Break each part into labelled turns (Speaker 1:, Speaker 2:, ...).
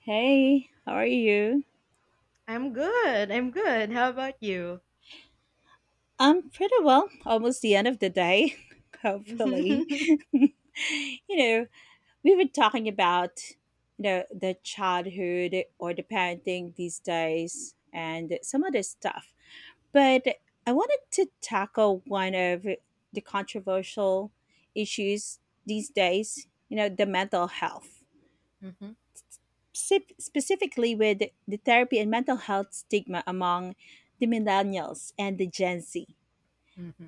Speaker 1: Hey, how are you?
Speaker 2: I'm good. I'm good. How about you?
Speaker 1: I'm pretty well. Almost the end of the day, hopefully.
Speaker 2: hmm
Speaker 1: you know, we were talking about the childhood or the parenting these days and some other stuff. But I wanted to tackle one of the controversial issues these days, you know, the mental health.
Speaker 2: hmm
Speaker 1: Specifically with the therapy and mental health stigma among the millennials and the Gen Z.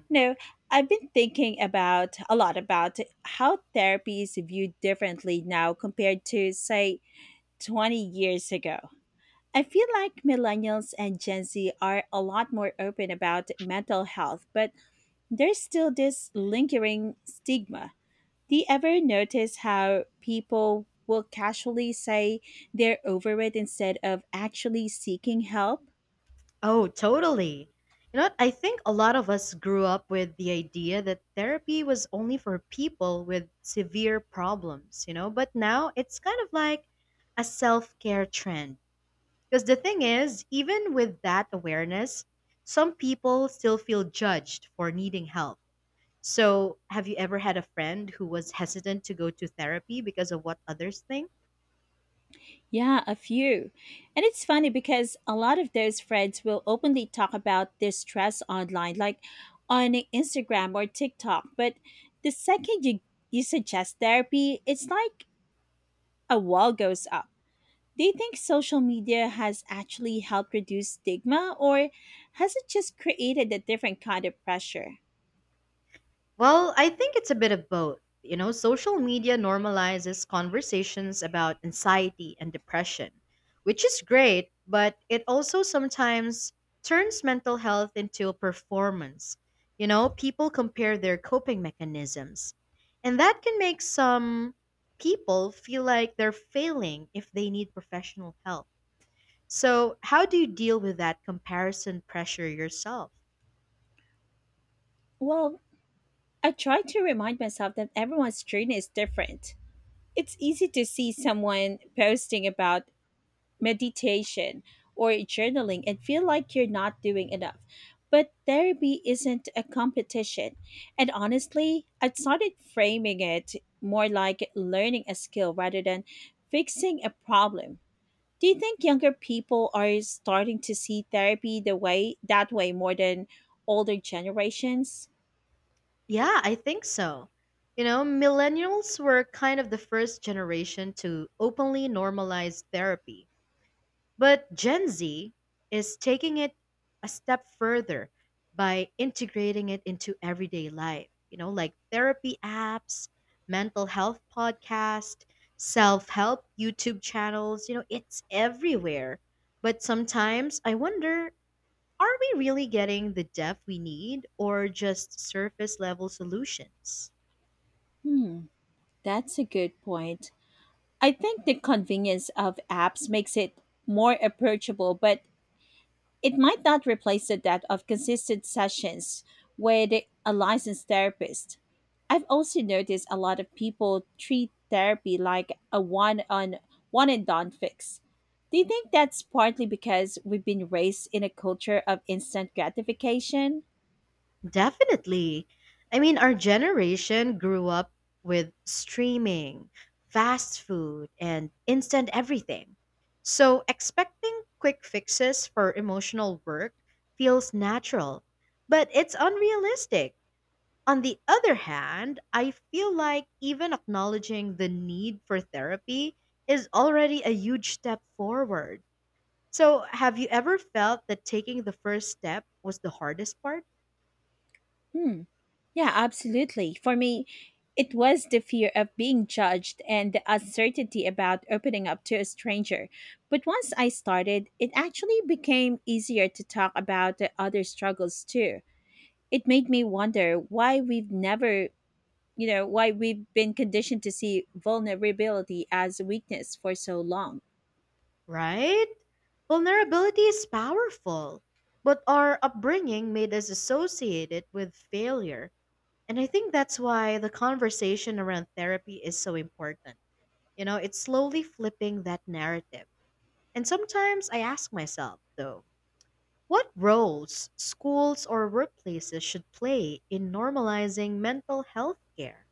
Speaker 1: No, I've been thinking about a lot about how therapy is viewed differently now compared to, say, 20 years ago. I feel like millennials and Gen Z are a lot more open about mental health, but there's still this lingering stigma. Do you ever notice how people will casually say they're over it instead of actually seeking help?
Speaker 2: Oh, totally. You know what? I think a lot of us grew up with the idea that therapy was only for people with severe problems, you know? But now it's kind of like a self care trend. Because the thing is, even with that awareness, some people still feel judged for needing help. So, have you ever had a friend who was hesitant to go to therapy because of what others think?
Speaker 1: Yeah, a few. And it's funny because a lot of those friends will openly talk about their stress online, like on Instagram or TikTok. But the second you suggest therapy, it's like a wall goes up. Do you think social media has actually helped reduce stigma, or has it just created a different kind of pressure?
Speaker 2: Well, I think it's a bit of both. You know, social media normalizes conversations about anxiety and depression, which is great, but it also sometimes turns mental health into a performance. You know, people compare their coping mechanisms, and that can make some people feel like they're failing if they need professional help. So, how do you deal with that comparison pressure yourself?
Speaker 1: Well, I try to remind myself that everyone's journey is different. It's easy to see someone posting about meditation or journaling and feel like you're not doing enough. But therapy isn't a competition. And honestly, I started framing it more like learning a skill rather than fixing a problem. Do you think younger people are starting to see therapy the way that way more than older generations?
Speaker 2: Yeah, I think so. You know, millennials were kind of the first generation to openly normalize therapy. But Gen Z is taking it a step further by integrating it into everyday life, you know, like therapy apps, mental health podcast, self-help YouTube channels, you know, it's everywhere. But sometimes I wonder, are we really getting the depth we need or just surface level solutions?
Speaker 1: Hmm, that's a good point. I think the convenience of apps makes it more approachable, but it might not replace the depth of consistent sessions with a licensed therapist. I've also noticed a lot of people treat therapy like a one on one and done fix. Do you think that's partly because we've been raised in a culture of instant gratification?
Speaker 2: Definitely. I mean, our generation grew up with streaming, fast food, and instant everything. So expecting quick fixes for emotional work feels natural, but it's unrealistic. On the other hand, I feel like even acknowledging the need for therapy is already a huge step forward. So, have you ever felt that taking the first step was the hardest part?
Speaker 1: Hmm. Yeah, absolutely. For me, it was the fear of being judged and the uncertainty about opening up to a stranger. But once I started, it actually became easier to talk about the other struggles too. It made me wonder why we've never you know why we've been conditioned to see vulnerability as weakness for so long.
Speaker 2: Right? Vulnerability is powerful, but our upbringing made us associate it with failure. And I think that's why the conversation around therapy is so important. You know, it's slowly flipping that narrative. And sometimes I ask myself, though, what roles schools or workplaces should play in normalizing mental health care?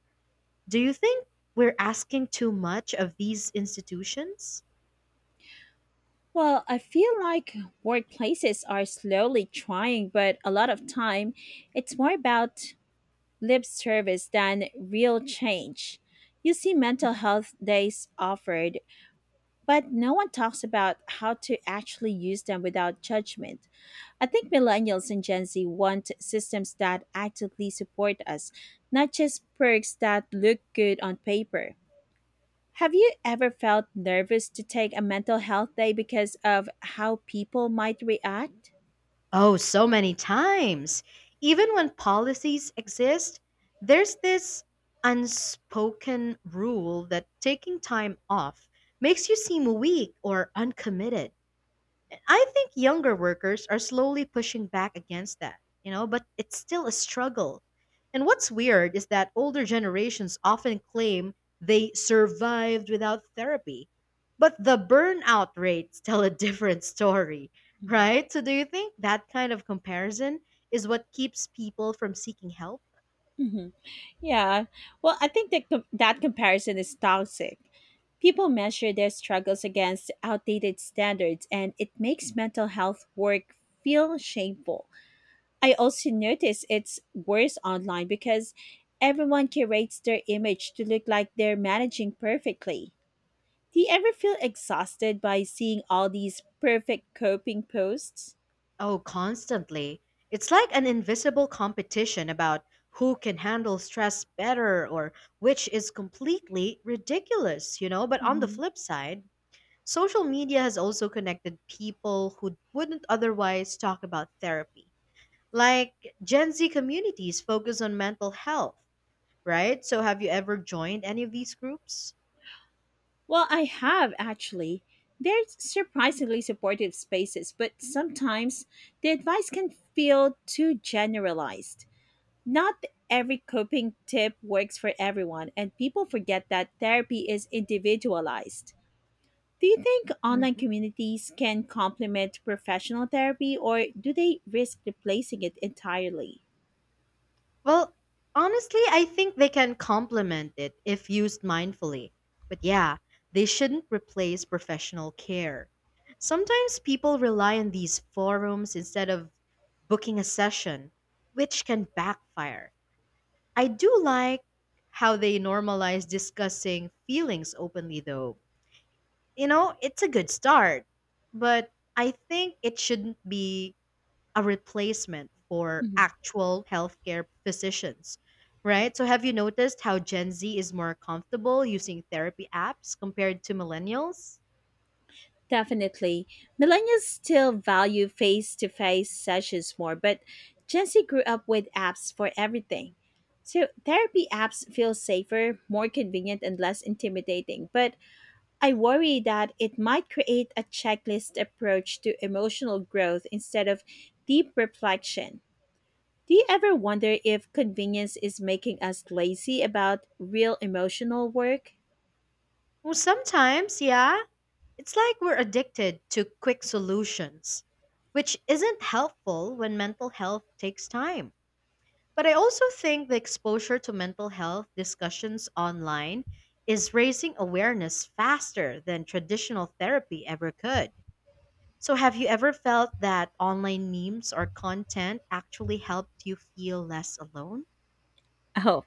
Speaker 2: Do you think we're asking too much of these institutions?
Speaker 1: Well, I feel like workplaces are slowly trying, but a lot of time it's more about lip service than real change. You see mental
Speaker 2: Mhm.
Speaker 1: health days offered, but no one talks about how to actually use them without judgment. I think millennials and Gen Z want systems that actively support us, not just perks that look good on paper. Have you ever felt nervous to take a mental health day because of how people might react?
Speaker 2: Oh, so many times. Even when policies exist, there's this unspoken rule that taking time off makes you seem weak or uncommitted. I think younger workers are slowly pushing back against that, you know, but it's still a struggle. And what's weird is that older generations often claim they survived without therapy, but the burnout rates tell a different story,
Speaker 1: Mhm.
Speaker 2: right? So, do you think that kind of comparison is what keeps people from seeking help?
Speaker 1: Hmm. Yeah. Well, I think that comparison is toxic. People measure their struggles against outdated standards, and it makes mental health work feel shameful. I also notice it's worse online because everyone curates their image to look like they're managing perfectly. Do you ever feel exhausted by seeing all these perfect coping posts?
Speaker 2: Oh, constantly. It's like an invisible competition about who can handle stress better or which is completely ridiculous, you know? But on the
Speaker 1: Mhm.
Speaker 2: flip side, social media has also connected people who wouldn't otherwise talk about therapy. Like Gen Z communities focus on mental health, right? So have you ever joined any of these groups?
Speaker 1: Well, I have actually. They're surprisingly supportive spaces, but sometimes the advice can feel too generalized. Not every coping tip works for everyone, and people forget that therapy is individualized. Do you think online communities can complement professional therapy, or do they risk replacing it entirely?
Speaker 2: Well, honestly, I think they can complement it if used mindfully. But yeah, they shouldn't replace professional care. Sometimes people rely on these forums instead of booking a session, which can backfire. I do like how they normalize discussing feelings openly, though. You know, it's a good start, but I think it shouldn't be a replacement for
Speaker 1: Mhm.
Speaker 2: actual healthcare physicians,
Speaker 1: Right.
Speaker 2: right? So, have you noticed how Gen Z is more comfortable using therapy apps compared to millennials?
Speaker 1: Definitely. Millennials still value face to face sessions more, but Gen Z grew up with apps for everything. So therapy apps feel safer, more convenient, and less intimidating. But I worry that it might create a checklist approach to emotional growth instead of deep reflection. Do you ever wonder if convenience is making us lazy about real emotional work?
Speaker 2: Well, sometimes, yeah. It's like we're addicted to quick solutions, which isn't helpful when mental health takes time. But I also think the exposure to mental health discussions online is raising awareness faster than traditional therapy ever could. So, have you ever felt that online memes or content actually helped you feel less alone?
Speaker 1: Oh,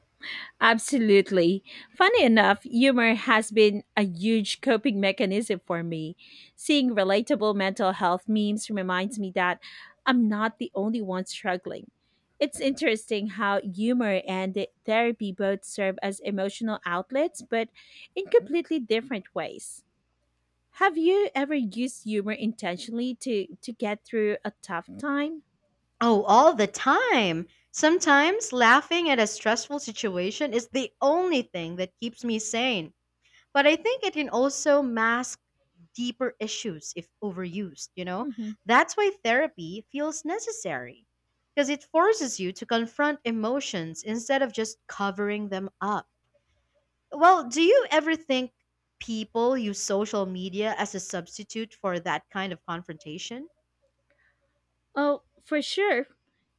Speaker 1: absolutely. Funny enough, humor has been a huge coping mechanism for me. Seeing relatable mental health memes reminds me that I'm not the only one struggling. It's interesting how humor and therapy both serve as emotional outlets, but in completely different ways. Have you ever used humor intentionally to get through a tough time?
Speaker 2: Oh, all the time. Sometimes laughing at a stressful situation is the only thing that keeps me sane. But I think it can also mask deeper issues if overused, you know?
Speaker 1: Mhm.
Speaker 2: That's why therapy feels necessary because it forces you to confront emotions instead of just covering them up. Well, do you ever think people use social media as a substitute for that kind of confrontation?
Speaker 1: Oh, for sure.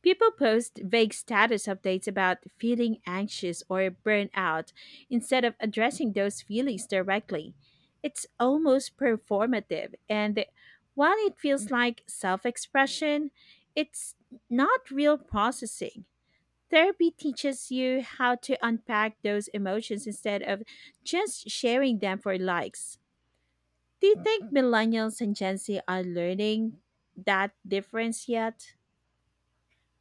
Speaker 1: People post vague status updates about feeling anxious or burnout instead of addressing those feelings directly. It's almost performative, and while it feels like self expression, it's not real processing. Therapy teaches you how to unpack those emotions instead of just sharing them for likes. Do you think millennials and Gen Z are learning that difference yet?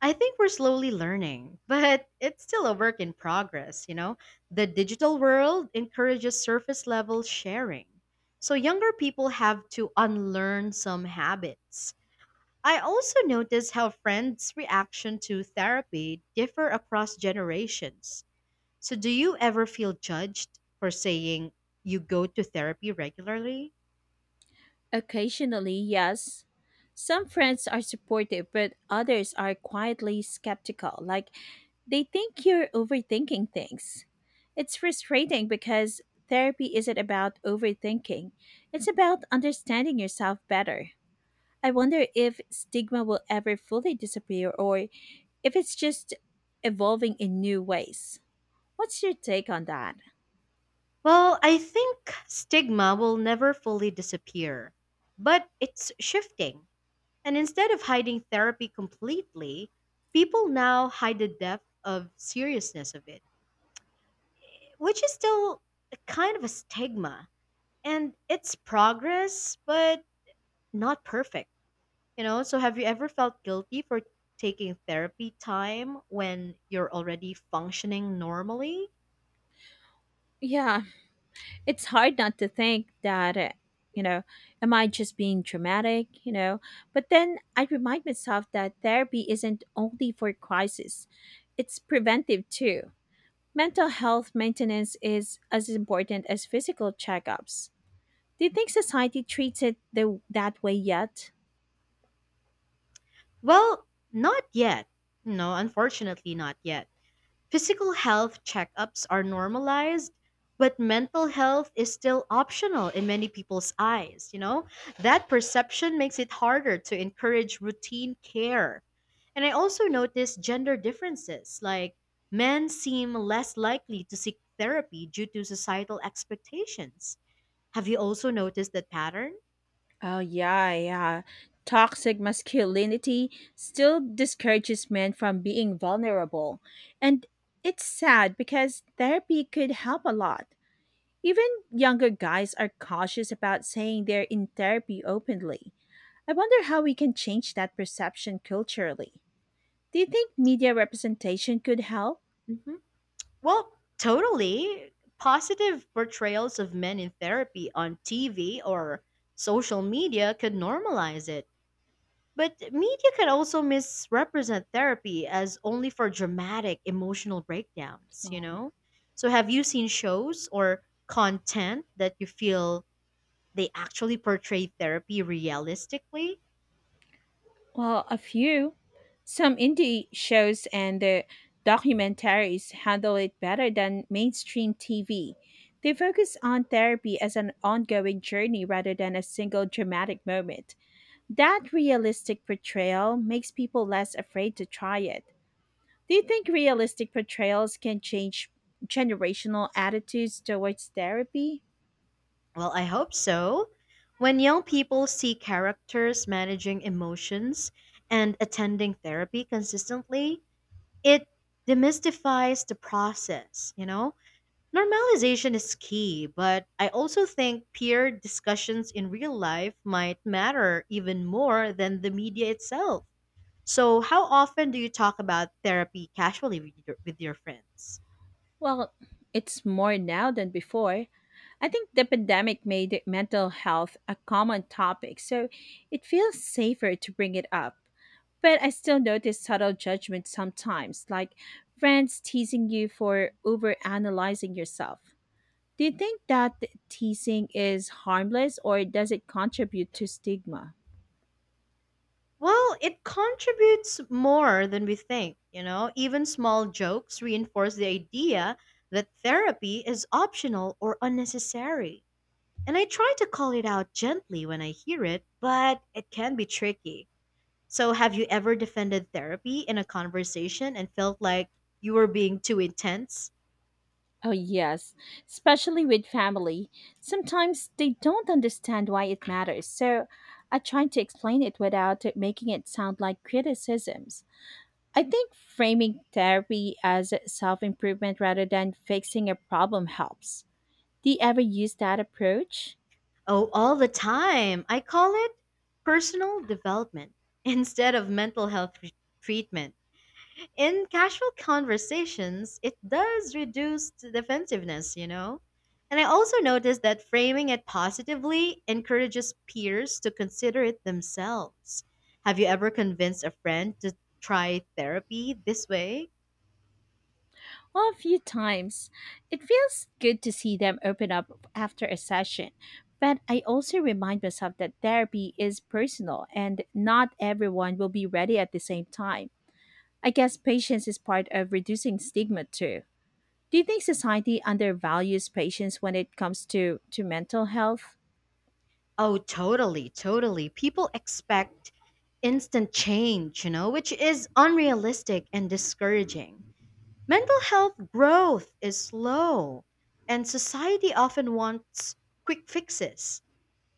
Speaker 2: I think we're slowly learning, but it's still a work in progress, you know? The digital world encourages surface level sharing. So younger people have to unlearn some habits. I also notice how friends' reaction to therapy differ across generations. So do you ever feel judged for saying you go to therapy regularly?
Speaker 1: Occasionally, yes. Some friends are supportive, but others are quietly skeptical, like they think you're overthinking things. It's frustrating because therapy isn't about overthinking, it's about understanding yourself better. I wonder if stigma will ever fully disappear or if it's just evolving in new ways. What's your take on that?
Speaker 2: Well, I think stigma will never fully disappear, but it's shifting. And instead of hiding therapy completely, people now hide the depth of seriousness of it, which is still a kind of a stigma. And it's progress, but not perfect. You know, so have you ever felt guilty for taking therapy time when you're already functioning normally?
Speaker 1: Yeah, it's hard not to think that you know am I just being dramatic. But then I remind myself that therapy isn't only for crisis, it's preventive too. Mental health maintenance is as important as physical checkups. Do you think society treats it that way yet?
Speaker 2: Well, not yet. No, unfortunately, not yet. Physical health checkups are normalized, but mental health is still optional in many people's eyes, you know? That perception makes it harder to encourage routine care. And I also noticed gender differences, like men seem less likely to seek therapy due to societal expectations. Have you also noticed that pattern?
Speaker 1: Oh, yeah, yeah, toxic masculinity still discourages men from being vulnerable, and it's sad because therapy could help a lot. Even younger guys are cautious about saying they're in therapy openly. I wonder how we can change that perception culturally. Do you think media representation could help?
Speaker 2: Mhm. Well, totally. Positive portrayals of men in therapy on TV or social media could normalize it. But media can also misrepresent therapy as only for dramatic emotional breakdowns, you
Speaker 1: Um,
Speaker 2: know? So, have you seen shows or content that you feel they actually portray therapy realistically?
Speaker 1: Well, a few. Some indie shows and the documentaries handle it better than mainstream TV. They focus on therapy as an ongoing journey rather than a single dramatic moment. That realistic portrayal makes people less afraid to try it. Do you think realistic portrayals can change generational attitudes towards therapy?
Speaker 2: Well, I hope so. When young people see characters managing emotions and attending therapy consistently, it demystifies the process, you know? Normalization is key, but I also think peer discussions in real life might matter even more than the media itself. So, how often do you talk about therapy casually with your friends?
Speaker 1: Well, it's more now than before. I think the pandemic made mental health a common topic, so it feels safer to bring it up. But I still notice subtle judgment sometimes, like friends teasing you for overanalyzing yourself. Do you think that teasing is harmless or does it contribute to stigma?
Speaker 2: Well, it contributes more than we think, you know. Even small jokes reinforce the idea that therapy is optional or unnecessary. And I try to call it out gently when I hear it, but it can be tricky. So, have you ever defended therapy in a conversation and felt like you were being too intense?
Speaker 1: Oh, yes, especially with family. Sometimes they don't understand why it matters, so I try to explain it without it making it sound like criticisms. I think framing therapy as self improvement rather than fixing a problem helps. Do you ever use that approach?
Speaker 2: Oh, all the time. I call it personal development instead of mental health treatment. In casual conversations, it does reduce the defensiveness, you know? And I also noticed that framing it positively encourages peers to consider it themselves. Have you ever convinced a friend to try therapy this way?
Speaker 1: A few times. It feels good to see them open up after a session, but I also remind myself that therapy is personal and not everyone will be ready at the same time. I guess patience is part of reducing stigma too. Do you think society undervalues patients when it comes to mental health?
Speaker 2: Oh, totally, totally. People expect instant change, you know, which is unrealistic and discouraging. Mental health growth is slow, and society often wants quick fixes.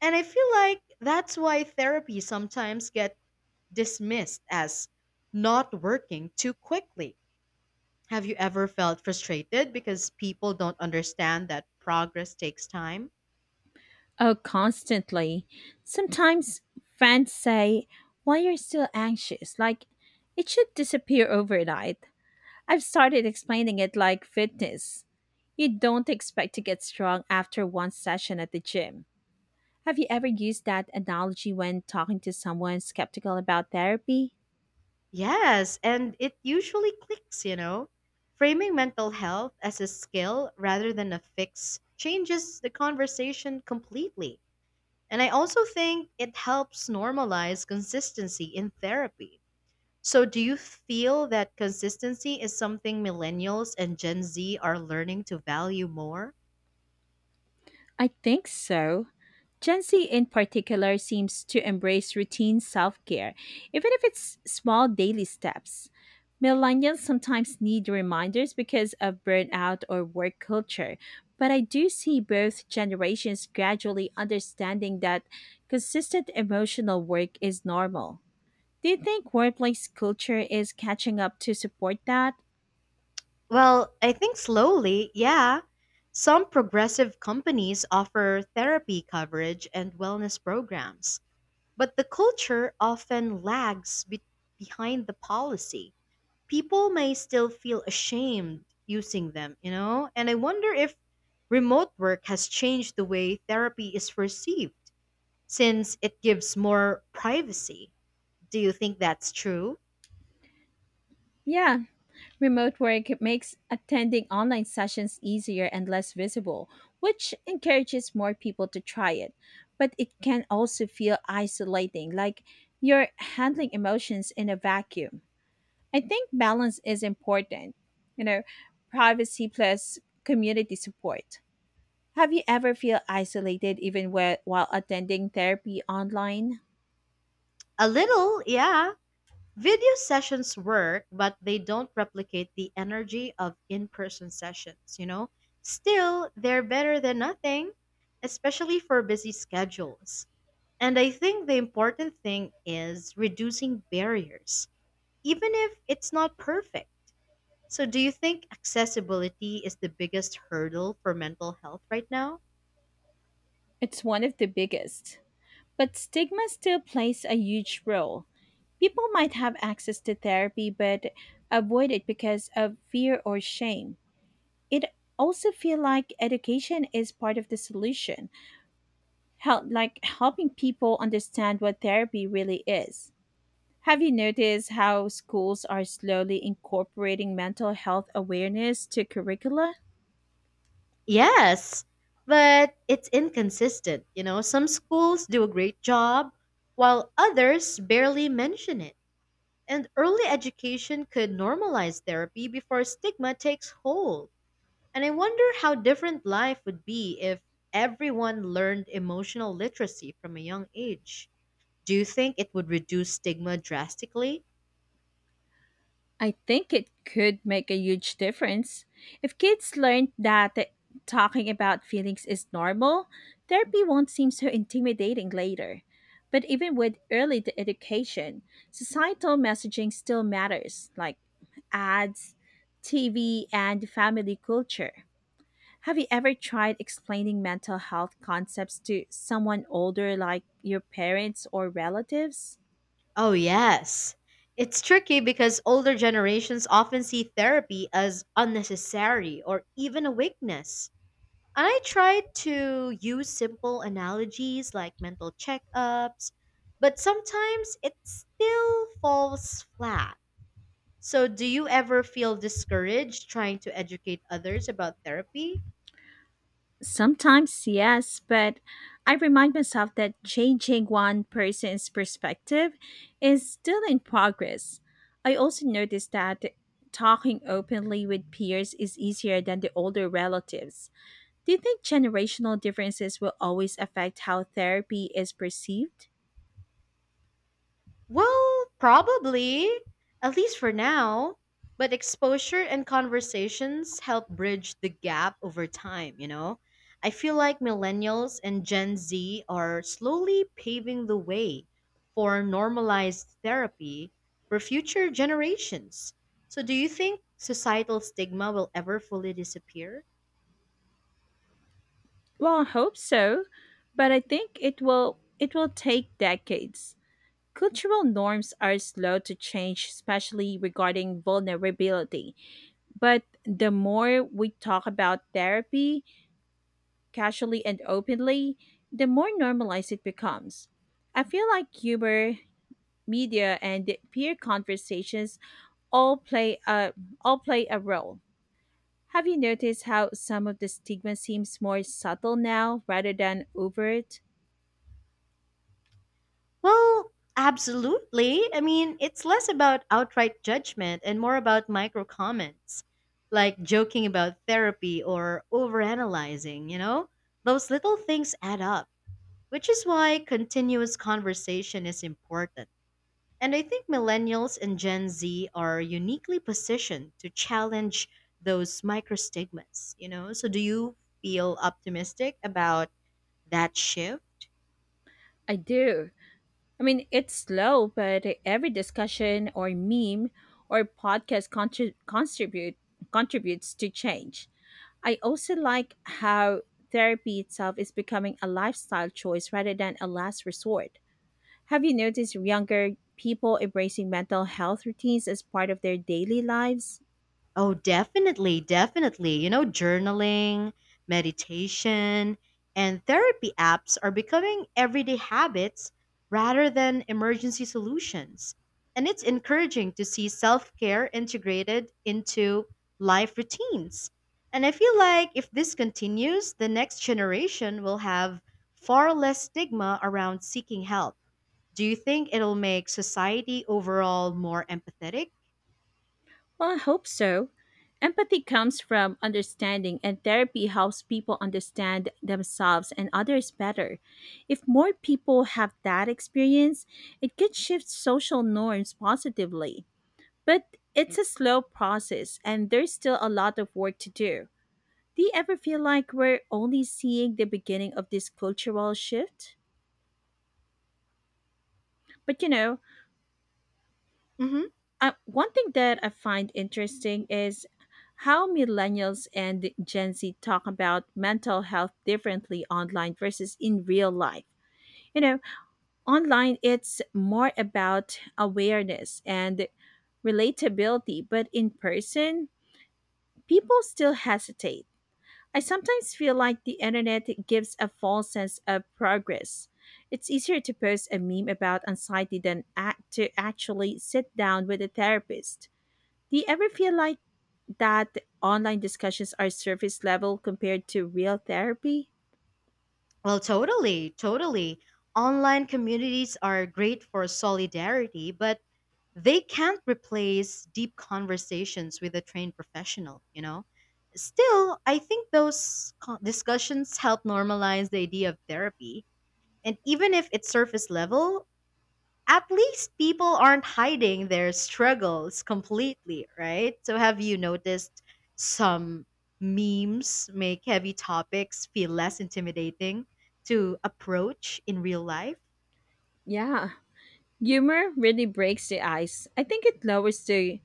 Speaker 2: And I feel like that's why therapy sometimes get dismissed as not working too quickly. Have you ever felt frustrated because people don't understand that progress takes time?
Speaker 1: Oh, constantly. Sometimes fans say, "Why you're still anxious?" Like, it should disappear overnight. I've started explaining it like fitness. You don't expect to get strong after one session at the gym. Have you ever used that analogy when talking to someone skeptical about therapy?
Speaker 2: Yes, and it usually clicks, you know. Framing mental health as a skill rather than a fix changes the conversation completely. And I also think it helps normalize consistency in therapy. So, do you feel that consistency is something millennials and Gen Z are learning to value more?
Speaker 1: I think so. Gen Z in particular seems to embrace routine self care, even if it's small daily steps. Millennials sometimes need reminders because of burnout or work culture, but I do see both generations gradually understanding that consistent emotional work is normal. Do you think workplace culture is catching up to support that?
Speaker 2: Well, I think slowly, yeah. Some progressive companies offer therapy coverage and wellness programs, but the culture often lags behind the policy. People may still feel ashamed using them, you know? And I wonder if remote work has changed the way therapy is perceived, since it gives more privacy. Do you think that's true?
Speaker 1: Yeah, remote work makes attending online sessions easier and less visible, which encourages more people to try it. But it can also feel isolating, like you're handling emotions in a vacuum. I think balance is important, you know, privacy plus community support. Have you ever feel isolated even while attending therapy online?
Speaker 2: A little, yeah. Video sessions work, but they don't replicate the energy of in person sessions, you know? Still, they're better than nothing, especially for busy schedules. And I think the important thing is reducing barriers, even if it's not perfect. So, do you think accessibility is the biggest hurdle for mental health right now?
Speaker 1: It's one of the biggest. But stigma still plays a huge role. People might have access to therapy but avoid it because of fear or shame. It also feel like education is part of the solution, like helping people understand what therapy really is. Have you noticed how schools are slowly incorporating mental health awareness to curricula?
Speaker 2: Yes, but it's inconsistent. You know, some schools do a great job, while others barely mention it. And early education could normalize therapy before stigma takes hold. And I wonder how different life would be if everyone learned emotional literacy from a young age. Do you think it would reduce stigma drastically?
Speaker 1: I think it could make a huge difference. If kids learned that talking about feelings is normal, therapy won't seem so intimidating later. But even with early education, societal messaging still matters, like ads, TV, and family culture. Have you ever tried explaining mental health concepts to someone older, like your parents or relatives?
Speaker 2: Oh, yes. It's tricky because older generations often see therapy as unnecessary or even a weakness. And I try to use simple analogies like mental checkups, but sometimes it still falls flat. So, do you ever feel discouraged trying to educate others about therapy?
Speaker 1: Sometimes, yes, but I remind myself that changing one person's perspective is still in progress. I also noticed that talking openly with peers is easier than the older relatives. Do you think generational differences will always affect how therapy is perceived?
Speaker 2: Well, probably, at least for now. But exposure and conversations help bridge the gap over time, you know? I feel like millennials and Gen Z are slowly paving the way for normalized therapy for future generations. So, do you think societal stigma will ever fully disappear?
Speaker 1: Well, I hope so, but I think it will take decades. Cultural norms are slow to change, especially regarding vulnerability. But the more we talk about therapy casually and openly, the more normalized it becomes. I feel like humor, media, and peer conversations all play a all play a role. Have you noticed how some of the stigma seems more subtle now rather than overt?
Speaker 2: Well, absolutely. I mean, it's less about outright judgment and more about micro comments, like joking about therapy or overanalyzing, you know? Those little things add up, which is why continuous conversation is important. And I think millennials and Gen Z are uniquely positioned to challenge those micro stigmas, you know? So do you feel optimistic about that shift?
Speaker 1: I do. I mean, it's slow, but every discussion or meme or podcast contributes to change. I also like how therapy itself is becoming a lifestyle choice rather than a last resort. Have you noticed younger people embracing mental health routines as part of their daily lives?
Speaker 2: Oh, definitely, definitely. You know, journaling, meditation, and therapy apps are becoming everyday habits rather than emergency solutions. And it's encouraging to see self care integrated into life routines. And I feel like if this continues, the next generation will have far less stigma around seeking help. Do you think it'll make society overall more empathetic?
Speaker 1: Well, I hope so. Empathy comes from understanding, and therapy helps people understand themselves and others better. If more people have that experience, it could shift social norms positively. But it's a slow process, and there's still a lot of work to do. Do you ever feel like we're only seeing the beginning of this cultural shift? But you know,
Speaker 2: Mhm.
Speaker 1: One thing that I find interesting is how millennials and Gen Z talk about mental health differently online versus in real life. You know, online it's more about awareness and relatability, but in person, people still hesitate. I sometimes feel like the internet gives a false sense of progress. It's easier to post a meme about anxiety than actually sit down with a therapist. Do you ever feel like that online discussions are surface level compared to real therapy?
Speaker 2: Well, totally, totally. Online communities are great for solidarity, but they can't replace deep conversations with a trained professional, you know? Still, I think those discussions help normalize the idea of therapy. And even if it's surface level, at least people aren't hiding their struggles completely, right? So have you noticed some memes make heavy topics feel less intimidating to approach in real life?
Speaker 1: Yeah. Humor really breaks the ice. I think it lowers the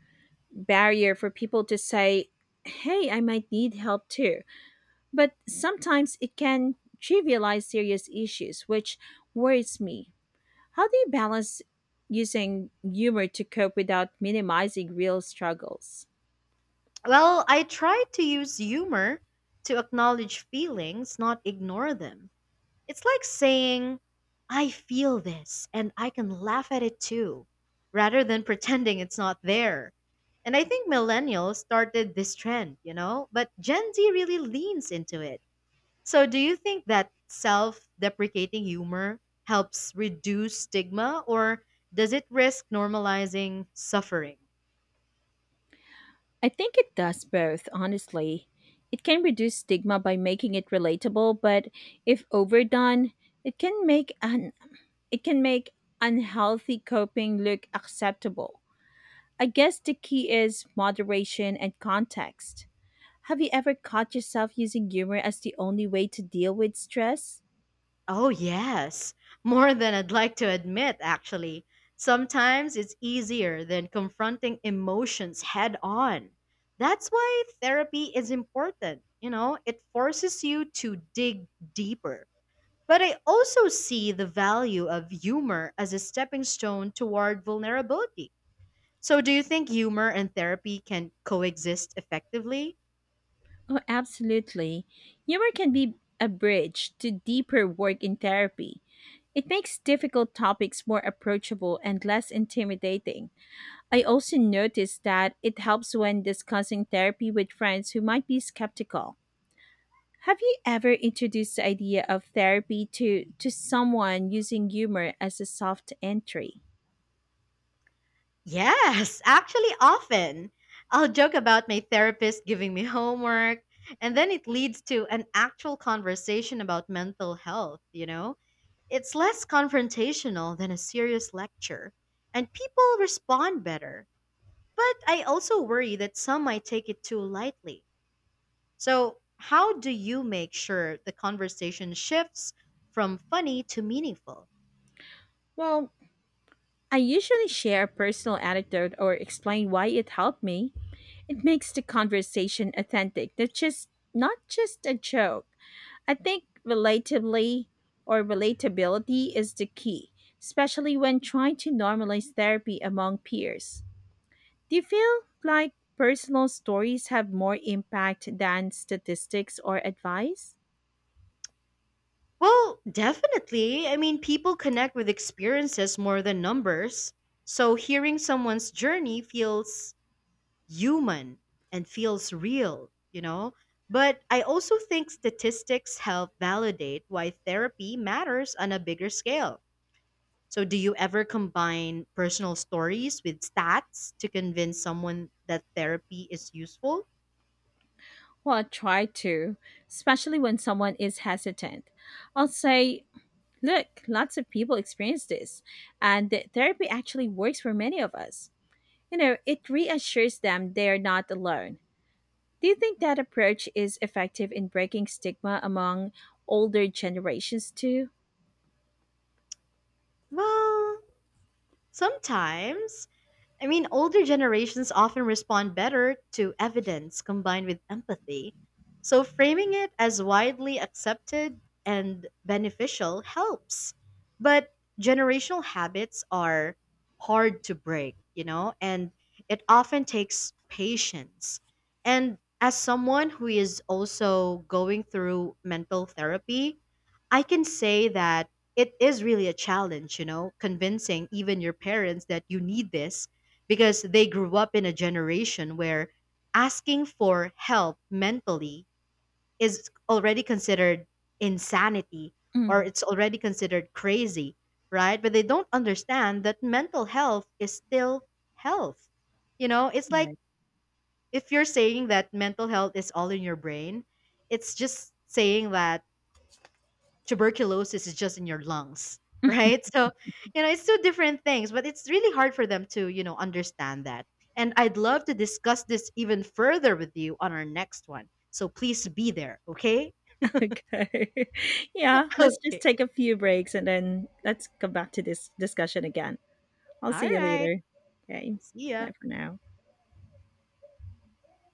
Speaker 1: barrier for people to say, hey, I might need help too. But sometimes it can trivialize serious issues, which worries me. How do you balance using humor to cope without minimizing real struggles?
Speaker 2: Well, I try to use humor to acknowledge feelings, not ignore them. It's like saying, I feel this and I can laugh at it too, rather than pretending it's not there. And I think millennials started this trend, you know, but Gen Z really leans into it. So do you think that self deprecating humor helps reduce stigma or does it risk normalizing suffering?
Speaker 1: I think it does both, honestly. It can reduce stigma by making it relatable, but if overdone, it can make un- it can make unhealthy coping look acceptable. I guess the key is moderation and context. Have you ever caught yourself using humor as the only way to deal with stress?
Speaker 2: Oh, yes. More than I'd like to admit, actually. Sometimes it's easier than confronting emotions head on. That's why therapy is important. You know, it forces you to dig deeper. But I also see the value of humor as a stepping stone toward vulnerability. So, do you think humor and therapy can coexist effectively?
Speaker 1: Oh, absolutely. Humor can be a bridge to deeper work in therapy. It makes difficult topics more approachable and less intimidating. I also noticed that it helps when discussing therapy with friends who might be skeptical. Have you ever introduced the idea of therapy to someone using humor as a soft entry?
Speaker 2: Yes, actually, often. I'll joke about my therapist giving me homework, and then it leads to an actual conversation about mental health, you know? It's less confrontational than a serious lecture, and people respond better. But I also worry that some might take it too lightly. So, how do you make sure the conversation shifts from funny to meaningful?
Speaker 1: Well, I usually share a personal anecdote or explain why it helped me. It makes the conversation authentic. That's just not just a joke. I think relatively or relatability is the key, especially when trying to normalize therapy among peers. Do you feel like personal stories have more impact than statistics or advice?
Speaker 2: Well, definitely. I mean, people connect with experiences more than numbers. So hearing someone's journey feels human and feels real, you know? But I also think statistics help validate why therapy matters on a bigger scale. So, do you ever combine personal stories with stats to convince someone that therapy is useful?
Speaker 1: Well, I try to, especially when someone is hesitant. I'll say, "Look, lots of people experience this, and that therapy actually works for many of us." You know, it reassures them they're not alone. Do you think that approach is effective in breaking stigma among older generations too?
Speaker 2: Well, sometimes. I mean, older generations often respond better to evidence combined with empathy. So, framing it as widely accepted and beneficial helps. But generational habits are hard to break, you know, and it often takes patience. And as someone who is also going through mental therapy, I can say that it is really a challenge, you know, convincing even your parents that you need this because they grew up in a generation where asking for help mentally is already considered insanity or
Speaker 1: Mhm.
Speaker 2: it's already considered crazy, right? But they don't understand that mental health is still health. You know, it's like
Speaker 1: Right.
Speaker 2: if you're saying that mental health is all in your brain, it's just saying that tuberculosis is just in your lungs, right? So, you know, it's two different things, but it's really hard for them to, you know, understand that. And I'd love to discuss this even further with you on our next one. So please be there, okay?
Speaker 1: Okay. Yeah, let's just
Speaker 2: Okay.
Speaker 1: take a few breaks and then let's come back to this discussion again. I'll
Speaker 2: All
Speaker 1: see you
Speaker 2: right.
Speaker 1: later. Okay.
Speaker 2: See ya.
Speaker 1: Bye for now.